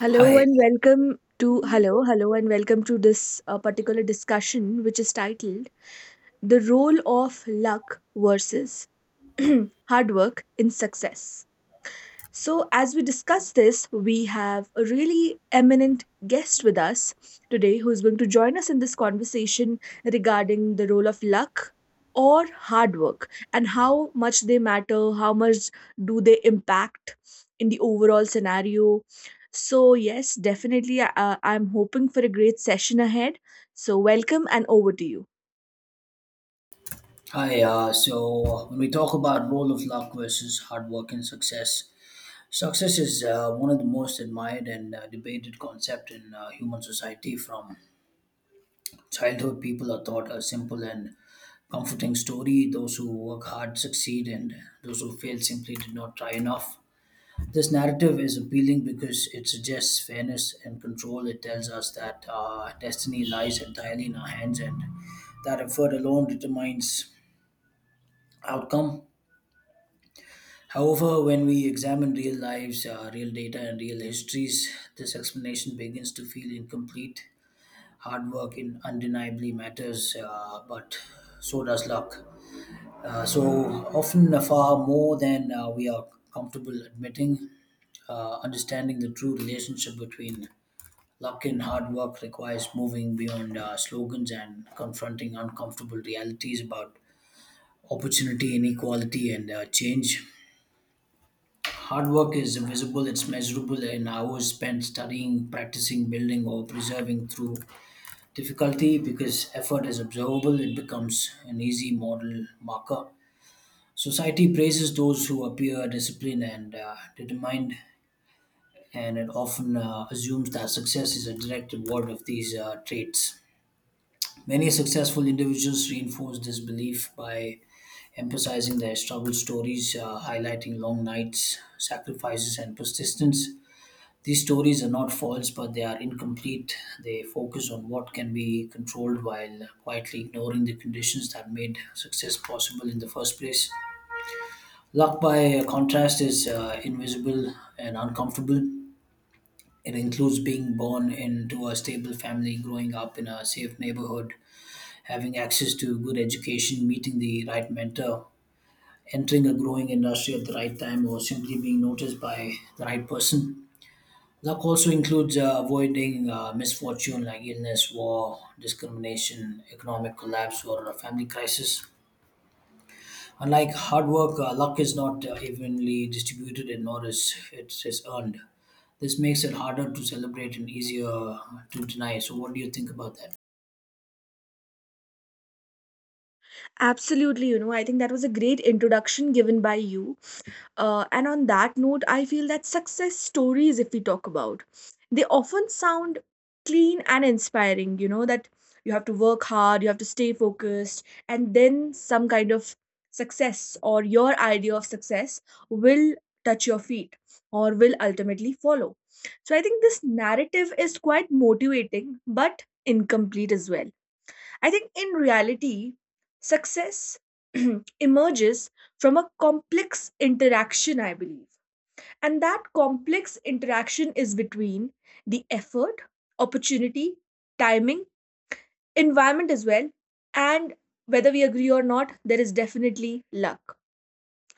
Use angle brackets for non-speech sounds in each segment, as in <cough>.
Hello Hi, and welcome hello and welcome to this particular discussion, which is titled "The Role of Luck versus <clears throat> Hard Work in Success." So, as we discuss this, we have a really eminent guest with us today who is going to join us in this conversation regarding the role of luck or hard work and how much they matter, how much do they impact in the overall scenario. So, yes, definitely, I'm hoping for a great session ahead. So, welcome and over to you. So when we talk about role of luck versus hard work and success, success is one of the most admired and debated concept in human society. From childhood, people are taught a simple and comforting story: those who work hard succeed, and those who fail simply did not try enough. This narrative is appealing because it suggests fairness and control. It tells us that destiny lies entirely in our hands, and that effort alone determines outcome. However, when we examine real lives, real data, and real histories, this explanation begins to feel incomplete. Hard work in undeniably matters, but so does luck. So often, far more than we are comfortable admitting. Understanding the true relationship between luck and hard work requires moving beyond slogans and confronting uncomfortable realities about opportunity, inequality, and change. Hard work is visible, it's measurable in hours spent studying, practicing, building, or preserving through difficulty. Because effort is observable, it becomes an easy model marker. Society praises those who appear disciplined and determined, and it often assumes that success is a direct reward of these traits. Many successful individuals reinforce this belief by emphasizing their struggle stories, highlighting long nights, sacrifices, and persistence. These stories are not false, but they are incomplete. They focus on what can be controlled while quietly ignoring the conditions that made success possible in the first place. Luck, by contrast, is invisible and uncomfortable. It includes being born into a stable family, growing up in a safe neighborhood, having access to good education, meeting the right mentor, entering a growing industry at the right time, or simply being noticed by the right person. Luck also includes avoiding misfortune like illness, war, discrimination, economic collapse, or a family crisis. Unlike hard work, luck is not evenly distributed and nor is it is earned. This makes it harder to celebrate and easier to deny. So, what do you think about that? Absolutely, I think that was a great introduction given by you. And on that note, I feel that success stories, if we talk about, they often sound clean and inspiring, that you have to work hard, you have to stay focused, and then some kind of success or your idea of success will touch your feet or will ultimately follow. So I think this narrative is quite motivating but incomplete as well. I think in reality, success <clears throat> emerges from a complex interaction, I believe. And that complex interaction is between the effort, opportunity, timing, environment as well, and whether we agree or not, there is definitely luck.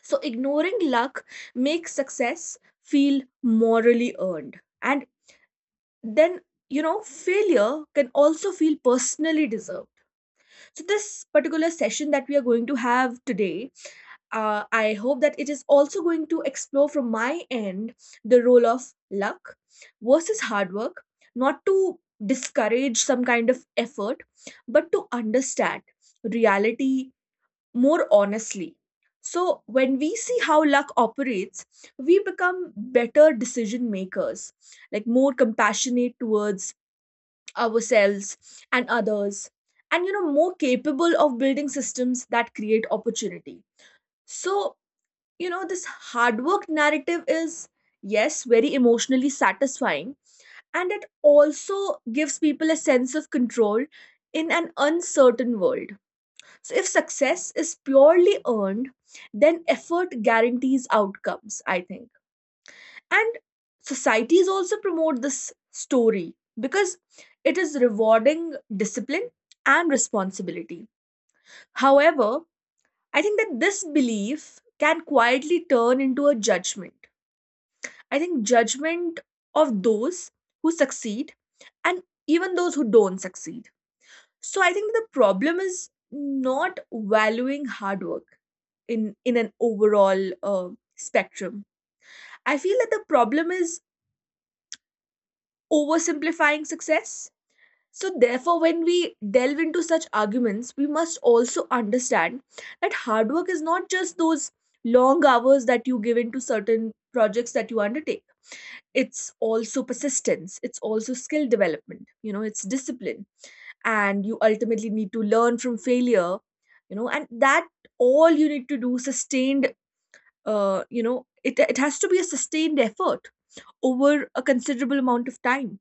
So, ignoring luck makes success feel morally earned. And then, failure can also feel personally deserved. So, this particular session that we are going to have today, I hope that it is also going to explore from my end the role of luck versus hard work, not to discourage some kind of effort, but to understand reality more honestly. So, when we see how luck operates, we become better decision makers, like more compassionate towards ourselves and others, and more capable of building systems that create opportunity. So, this hard work narrative is, yes, very emotionally satisfying, and it also gives people a sense of control in an uncertain world. So if success is purely earned, then effort guarantees outcomes, I think. And societies also promote this story because it is rewarding discipline and responsibility. However, I think that this belief can quietly turn into a judgment. I think judgment of those who succeed and even those who don't succeed. So I think the problem is not valuing hard work in in an overall uh, spectrum. I feel that the problem is oversimplifying success. So, therefore, when we delve into such arguments, we must also understand that hard work is not just those long hours that you give into certain projects that you undertake. It's also persistence, it's also skill development, it's discipline. And you ultimately need to learn from failure, and that all you need to do sustained, it has to be a sustained effort over a considerable amount of time.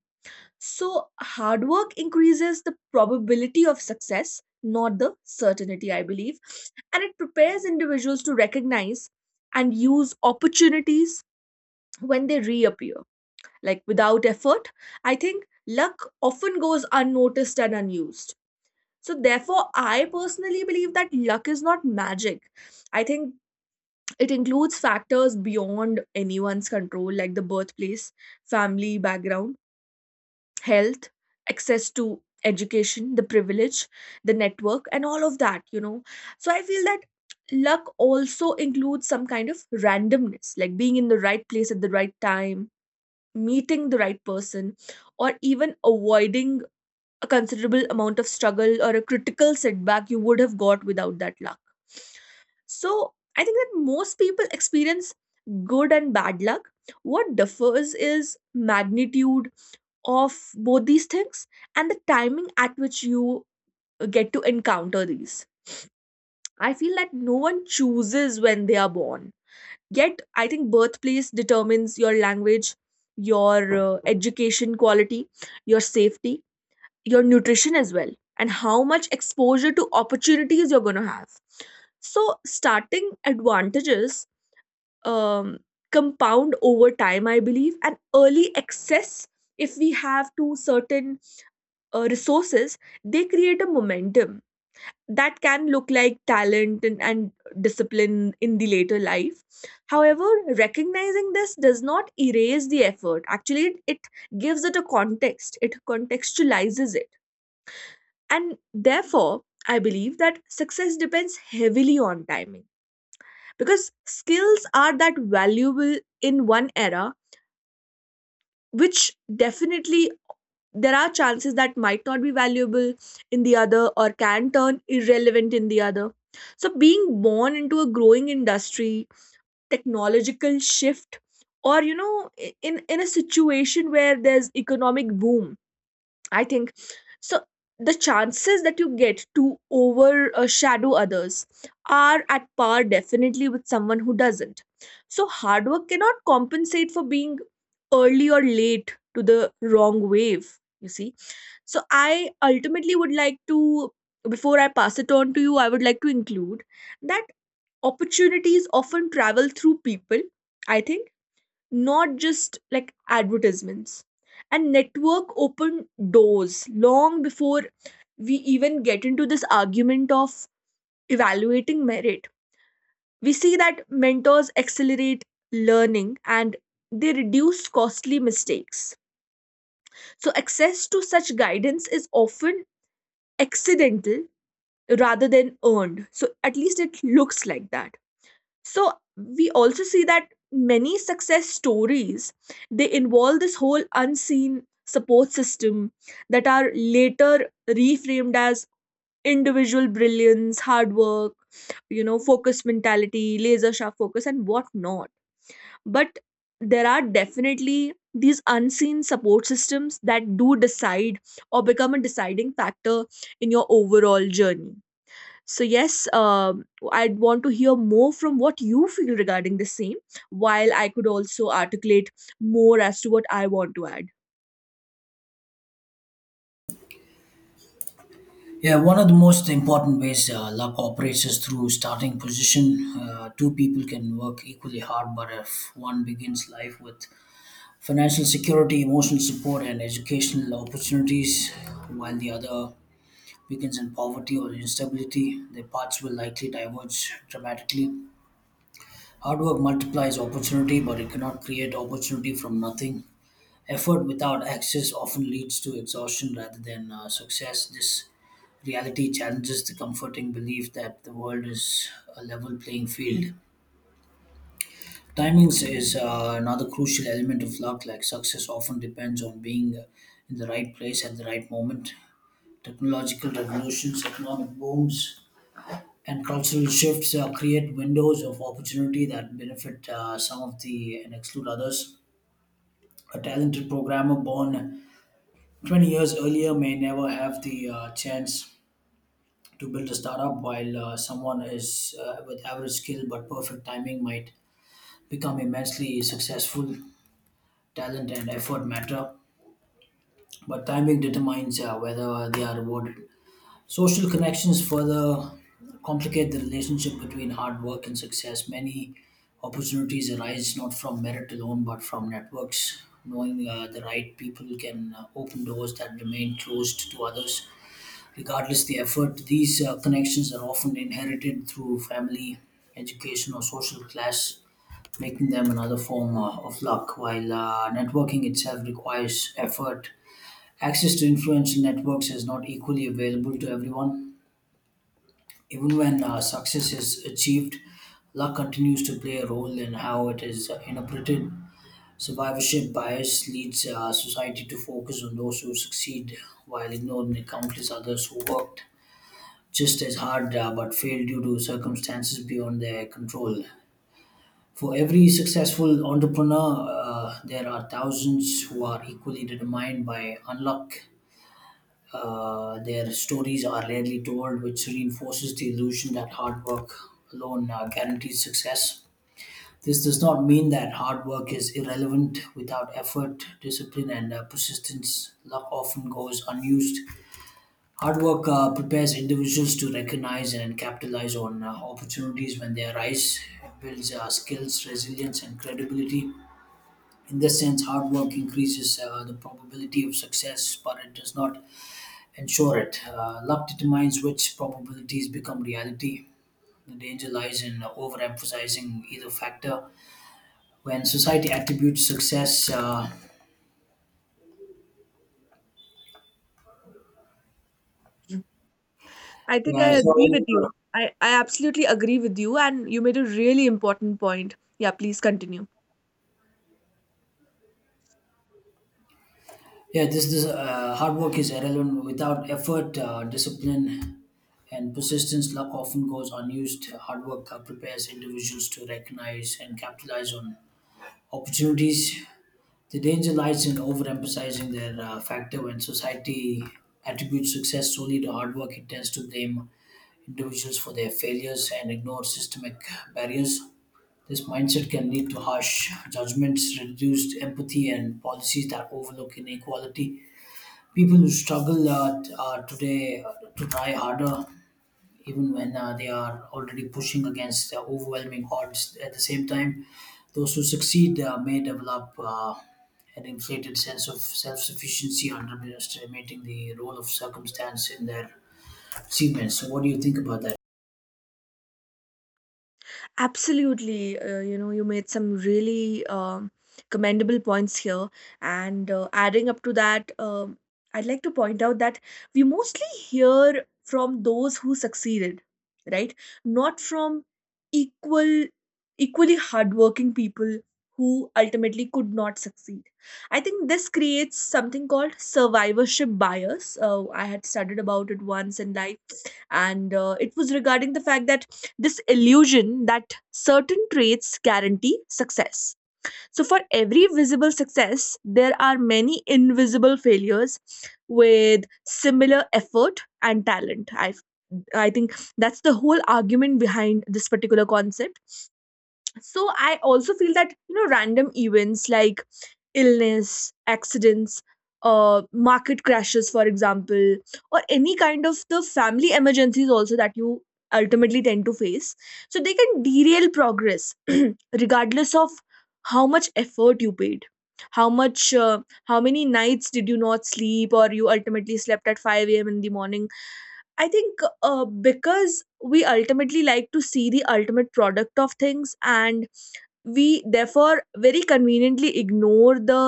So, hard work increases the probability of success, not the certainty, I believe. And it prepares individuals to recognize and use opportunities when they reappear. Like, without effort, I think luck often goes unnoticed and unused. So, therefore, I personally believe that luck is not magic. I think it includes factors beyond anyone's control, like the birthplace, family, background health, access to education, the privilege, the network, and all of that. So I feel that luck also includes some kind of randomness, like being in the right place at the right time, meeting the right person, or even avoiding a considerable amount of struggle or a critical setback you would have got without that luck. So I think that most people experience good and bad luck. What differs is magnitude of both these things and the timing at which you get to encounter these. I feel that no one chooses when they are born. Yet, I think birthplace determines your language, your education quality, your safety, your nutrition as well, and how much exposure to opportunities you're going to have. So, starting advantages um, compound over time, I believe, and early access if we have to certain resources, they create a momentum that can look like talent and discipline in the later life. However, recognizing this does not erase the effort. Actually, it gives it a context, it contextualizes it. And therefore, I believe that success depends heavily on timing because skills are that valuable in one era, which definitely there are chances that might not be valuable in the other or can turn irrelevant in the other. So, being born into a growing industry, technological shift, or in a situation where there's economic boom, I think so. The chances that you get to overshadow others are at par definitely with someone who doesn't. So, hard work cannot compensate for being early or late to the wrong wave, you see. So, I ultimately would like to, before I pass it on to you, I would like to include that opportunities often travel through people, I think, not just like advertisements. And network open doors long before we even get into this argument of evaluating merit. We see that mentors accelerate learning and they reduce costly mistakes. So, access to such guidance is often accidental rather than earned. So, at least it looks like that. So we also see that many success stories, they involve this whole unseen support system that are later reframed as individual brilliance, hard work, focus mentality, laser sharp focus, and whatnot. But there are definitely these unseen support systems that do decide or become a deciding factor in your overall journey. So yes, I'd want to hear more from what you feel regarding the same, while I could also articulate more as to what I want to add. Yeah, one of the most important ways luck operates is through starting position. Two people can work equally hard, but if one begins life with financial security, emotional support, and educational opportunities, while the other weakens in poverty or instability. Their paths will likely diverge dramatically. Hard work multiplies opportunity, but it cannot create opportunity from nothing. Effort without access often leads to exhaustion rather than success. This reality challenges the comforting belief that the world is a level playing field. Timings is another crucial element of luck. Like success often depends on being in the right place at the right moment. Technological revolutions, economic booms, and cultural shifts create windows of opportunity that benefit some of the and exclude others. A talented programmer born 20 years earlier may never have the chance to build a startup, while someone is with average skill but perfect timing might become immensely successful. Talent and effort matter but timing determines whether they are rewarded. Social connections further complicate the relationship between hard work and success. Many opportunities arise not from merit alone, but from networks. Knowing the right people can open doors that remain closed to others, regardless the effort. These connections are often inherited through family, education, or social class, making them another form of luck. While networking itself requires effort. Access to influential networks is not equally available to everyone. Even when success is achieved, luck continues to play a role in how it is interpreted. Survivorship bias leads society to focus on those who succeed while ignoring the countless others who worked just as hard but failed due to circumstances beyond their control. For every successful entrepreneur, there are thousands who are equally determined by unluck. Their stories are rarely told, which reinforces the illusion that hard work alone guarantees success. This does not mean that hard work is irrelevant. Without effort, discipline, and persistence, luck often goes unused. Hard work prepares individuals to recognize and capitalize on opportunities when they arise. It builds skills, resilience, and credibility. In this sense, hard work increases the probability of success, but it does not ensure it. Luck determines which probabilities become reality. The danger lies in overemphasizing either factor. When society attributes success, I think I yeah, so agree with you. I absolutely agree with you, and you made a really important point. Yeah, please continue. yeah, this hard work is irrelevant without effort, discipline, and persistence. Luck often goes unused. Hard work prepares individuals to recognize and capitalize on opportunities. The danger lies in overemphasizing their factor when society attributes success solely to hard work. It tends to blame individuals for their failures and ignore systemic barriers. This mindset can lead to harsh judgments, reduced empathy, and policies that overlook inequality. People who struggle today to try harder even when they are already pushing against overwhelming odds. At the same time, those who succeed may develop an inflated sense of self sufficiency, underestimating the role of circumstance in their achievements. So, what do you think about that? Absolutely. You made some really commendable points here. And adding up to that, I'd like to point out that we mostly hear from those who succeeded, right? Not from equal, equally hardworking people who ultimately could not succeed. I think this creates something called survivorship bias. I had studied about it once in life, and it was regarding the fact that this illusion that certain traits guarantee success. So, for every visible success, there are many invisible failures with similar effort and talent. I think that's the whole argument behind this particular concept. So I also feel that random events like illness, accidents, market crashes for example, or any kind of the family emergencies also that you ultimately tend to face, so they can derail progress, <clears throat> regardless of how much effort you paid, how many nights did you not sleep, or you ultimately slept at 5 a.m. in the morning. I think because we ultimately like to see the ultimate product of things, and we therefore very conveniently ignore the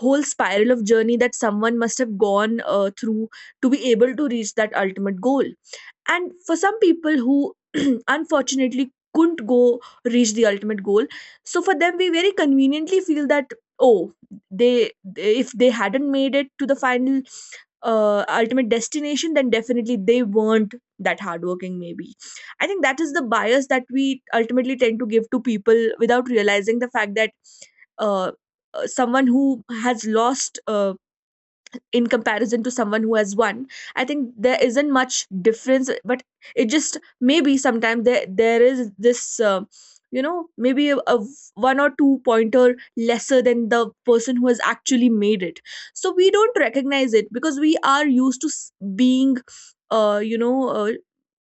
whole spiral of journey that someone must have gone through to be able to reach that ultimate goal. And for some people who <clears throat> unfortunately couldn't go reach the ultimate goal, so for them we very conveniently feel that, oh, they if they hadn't made it to the final ultimate destination, then definitely they weren't that hardworking maybe. I think that is the bias that we ultimately tend to give to people without realizing the fact that uh, someone who has lost, in comparison to someone who has one, I think there isn't much difference. But it just, maybe sometimes, there is this, you know maybe a one or two pointer lesser than the person who has actually made it. So we don't recognize it because we are used to being, uh, you know uh,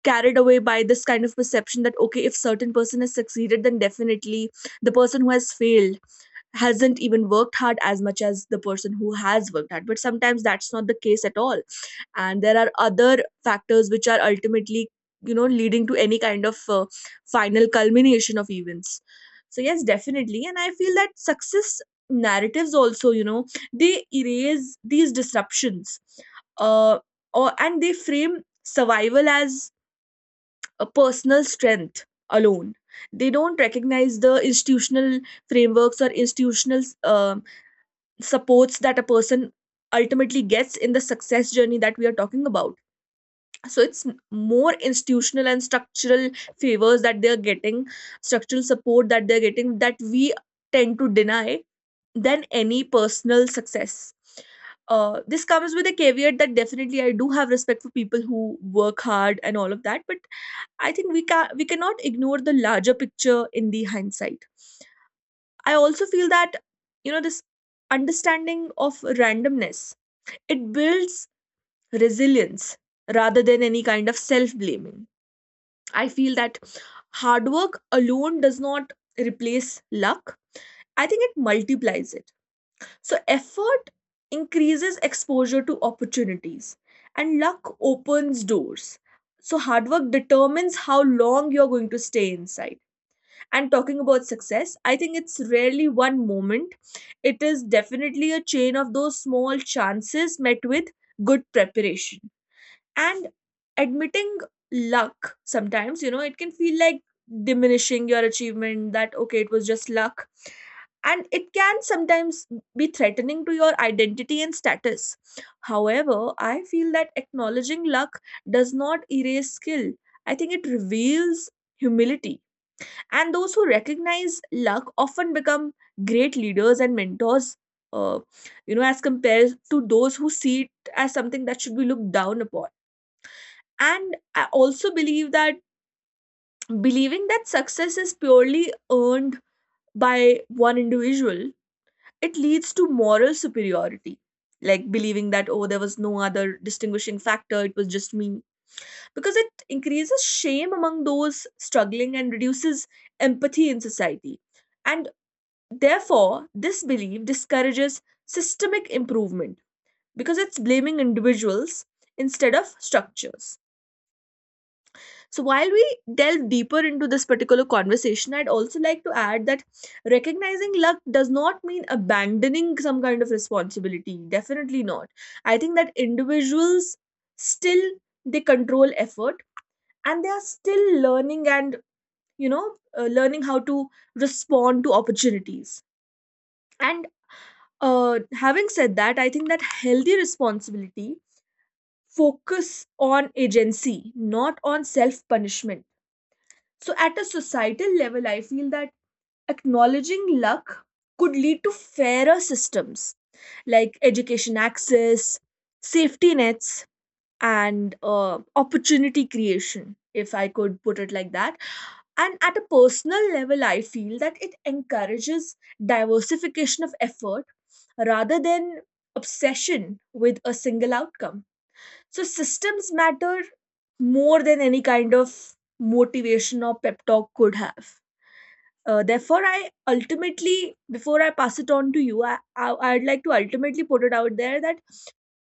carried away by this kind of perception that, okay, if certain person has succeeded, then definitely the person who has failed hasn't even worked hard as much as the person who has worked hard. But sometimes that's not the case at all, and there are other factors which are ultimately leading to any kind of final culmination of events. So yes, definitely, and I feel that success narratives also, they erase these disruptions, uh, or and they frame survival as a personal strength alone. They don't recognize the institutional frameworks or institutional um supports that a person ultimately gets in the success journey that we are talking about. So it's more institutional and structural favors that they're getting, structural support that they're getting, that we tend to deny than any personal success. This comes with a caveat that definitely I do have respect for people who work hard and all of that, but I think we cannot ignore the larger picture in the hindsight. I also feel that this understanding of randomness it builds resilience rather than any kind of self blaming. I feel that hard work alone does not replace luck. I think it multiplies it. So effort increases exposure to opportunities and luck opens doors. So hard work determines how long you're going to stay inside, and talking about success, I think it's rarely one moment. It is definitely a chain of those small chances met with good preparation. And admitting luck sometimes, you know, it can feel like diminishing your achievement that, okay, it was just luck. And it can sometimes be threatening to your identity and status. However, I feel that acknowledging luck does not erase skill. I think it reveals humility, and those who recognize luck often become great leaders and mentors, uh, you know as compared to those who see it as something that should be looked down upon. And I also believe that believing that success is purely earned by one individual, it leads to moral superiority, like believing that, oh, there was no other distinguishing factor, it was just me, because it increases shame among those struggling and reduces empathy in society. And therefore, this belief discourages systemic improvement because it's blaming individuals instead of structures. So, while we delve deeper into this particular conversation, I'd also like to add that recognizing luck does not mean abandoning some kind of responsibility. Definitely not. I think that individuals still they control effort, and they are still learning and, you know, learning how to respond to opportunities. And having said that, I think that healthy responsibility focus on agency, not on self punishment. So at a societal level, I feel that acknowledging luck could lead to fairer systems, like education access, safety nets, and opportunity creation, if I could put it like that. And at a personal level, I feel that it encourages diversification of effort rather than obsession with a single outcome. So, systems matter more than any kind of motivation or pep talk could have. Therefore, I ultimately, before I pass it on to you, I'd like to ultimately put it out there that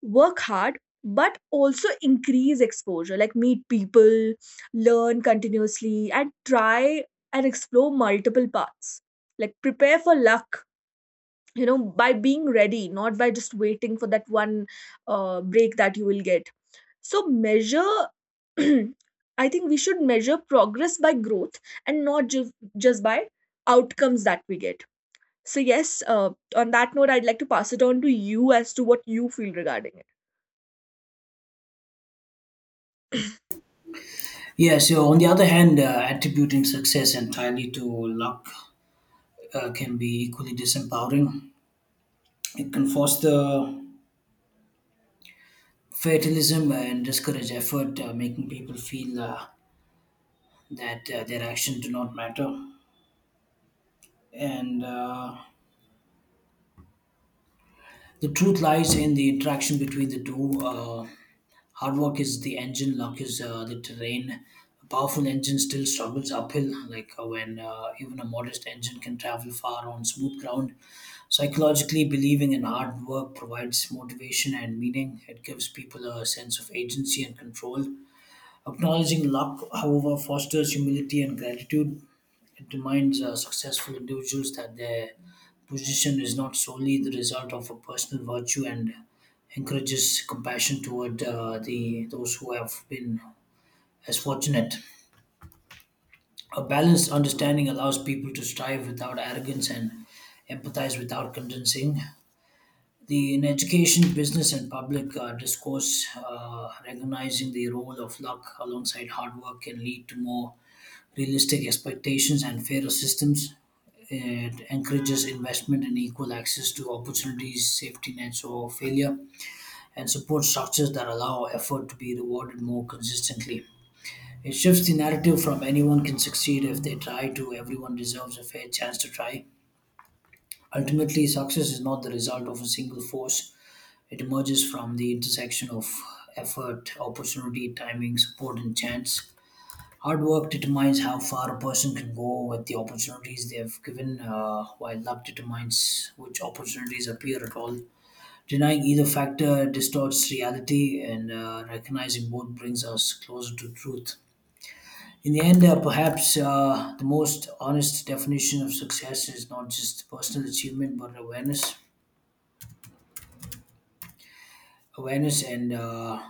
work hard but also increase exposure, like meet people, learn continuously and try and explore multiple paths, like prepare for luck, you know, by being ready, not by just waiting for that one break that you will get. So measure, <clears throat> I think we should measure progress by growth and not just by outcomes that we get. So yes, on that note, I'd like to pass it on to you as to what you feel regarding it. Yeah, so on the other hand, attributing success entirely to luck can be equally disempowering. It can foster fatalism and discourage effort, making people feel that their actions do not matter. And the truth lies in the interaction between the two. Hard work is the engine, luck is the terrain. A powerful engine still struggles uphill, like when even a modest engine can travel far on smooth ground. Psychologically, believing in hard work provides motivation and meaning. It gives people a sense of agency and control. Acknowledging luck, however, fosters humility and gratitude. It reminds successful individuals that their position is not solely the result of a personal virtue and encourages compassion toward the those who have been as fortunate. A balanced understanding allows people to strive without arrogance and empathize without condensing. The in education, business, and public discourse, recognizing the role of luck alongside hard work can lead to more realistic expectations and fairer systems. It encourages investment and equal access to opportunities, safety nets or failure, and support structures that allow effort to be rewarded more consistently. It shifts the narrative from anyone can succeed if they try to everyone deserves a fair chance to try. Ultimately, success is not the result of a single force. It emerges from the intersection of effort, opportunity, timing, support, and chance. Hard work determines how far a person can go with the opportunities they have given, while luck determines which opportunities appear at all. Denying either factor distorts reality, and recognizing both brings us closer to truth. In the end, perhaps the most honest definition of success is not just personal achievement but awareness. Awareness and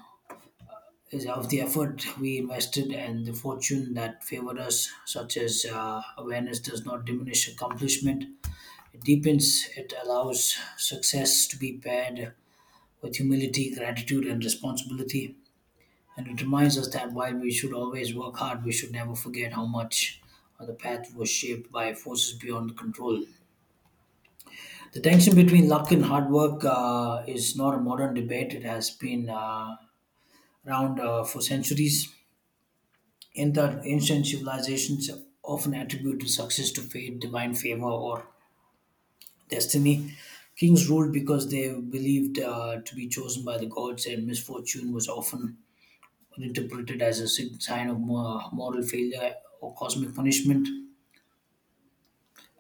is of the effort we invested and the fortune that favored us, such as awareness does not diminish accomplishment. It deepens, it allows success to be paired with humility, gratitude, and responsibility. And it reminds us that while we should always work hard, we should never forget how much of the path was shaped by forces beyond control. The tension between luck and hard work is not a modern debate. It has been around for centuries. In ancient civilizations often attributed success to fate, divine favor, or destiny. Kings ruled because they believed to be chosen by the gods, and misfortune was often interpreted as a sign of moral failure or cosmic punishment.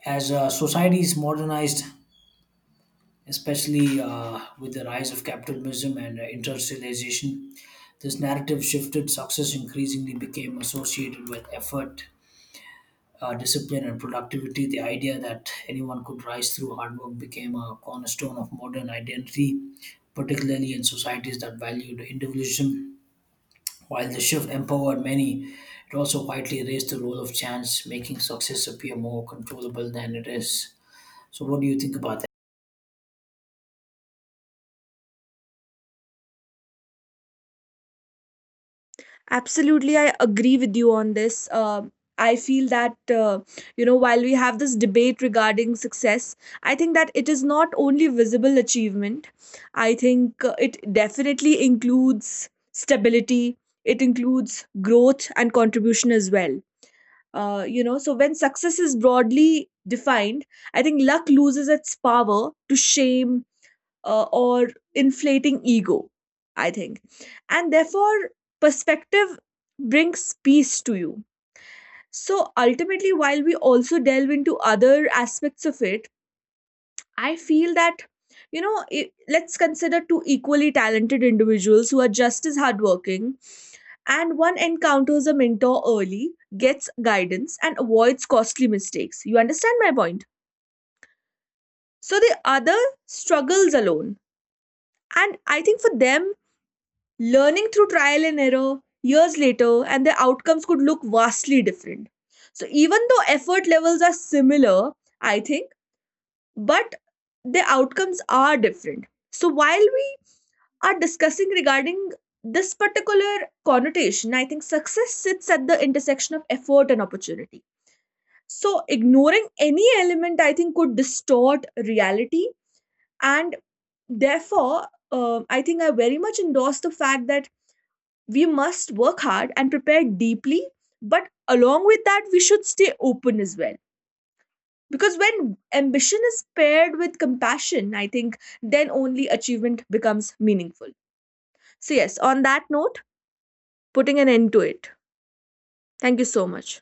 As societies modernized, especially with the rise of capitalism and industrialization, this narrative shifted. Success increasingly became associated with effort, discipline and productivity. The idea that anyone could rise through hard work became a cornerstone of modern identity, particularly in societies that valued individualism. While the shift empowered many, it also quietly raised the role of chance, making success appear more controllable than it is. So, what do you think about Absolutely, I agree with you on this. Um I feel that, you know, while we have this debate regarding success, I think that it is not only visible achievement. I think it definitely includes stability, it includes growth and contribution as well. You know, so when success is broadly defined, I think luck loses its power to shame or inflating ego, I think. And therefore, perspective brings peace to you. So ultimately, while we also delve into other aspects of it, I feel that, you know, I let's consider two equally talented individuals who are just as hardworking, and one encounters a mentor early, gets guidance, and avoids costly mistakes. You understand my point? So the other struggles alone. And I think for them, learning through trial and error years later, and their outcomes could look vastly different. So even though effort levels are similar, I think, but the outcomes are different. So while we are discussing regarding this particular connotation, I think success sits at the intersection of effort and opportunity. So ignoring any element, I think, could distort reality. And therefore, I think I very much endorse the fact that we must work hard and prepare deeply. But along with that, we should stay open as well. Because when ambition is paired with compassion, I think then only achievement becomes meaningful. So, yes, on that note, putting an end to it. Thank you so much.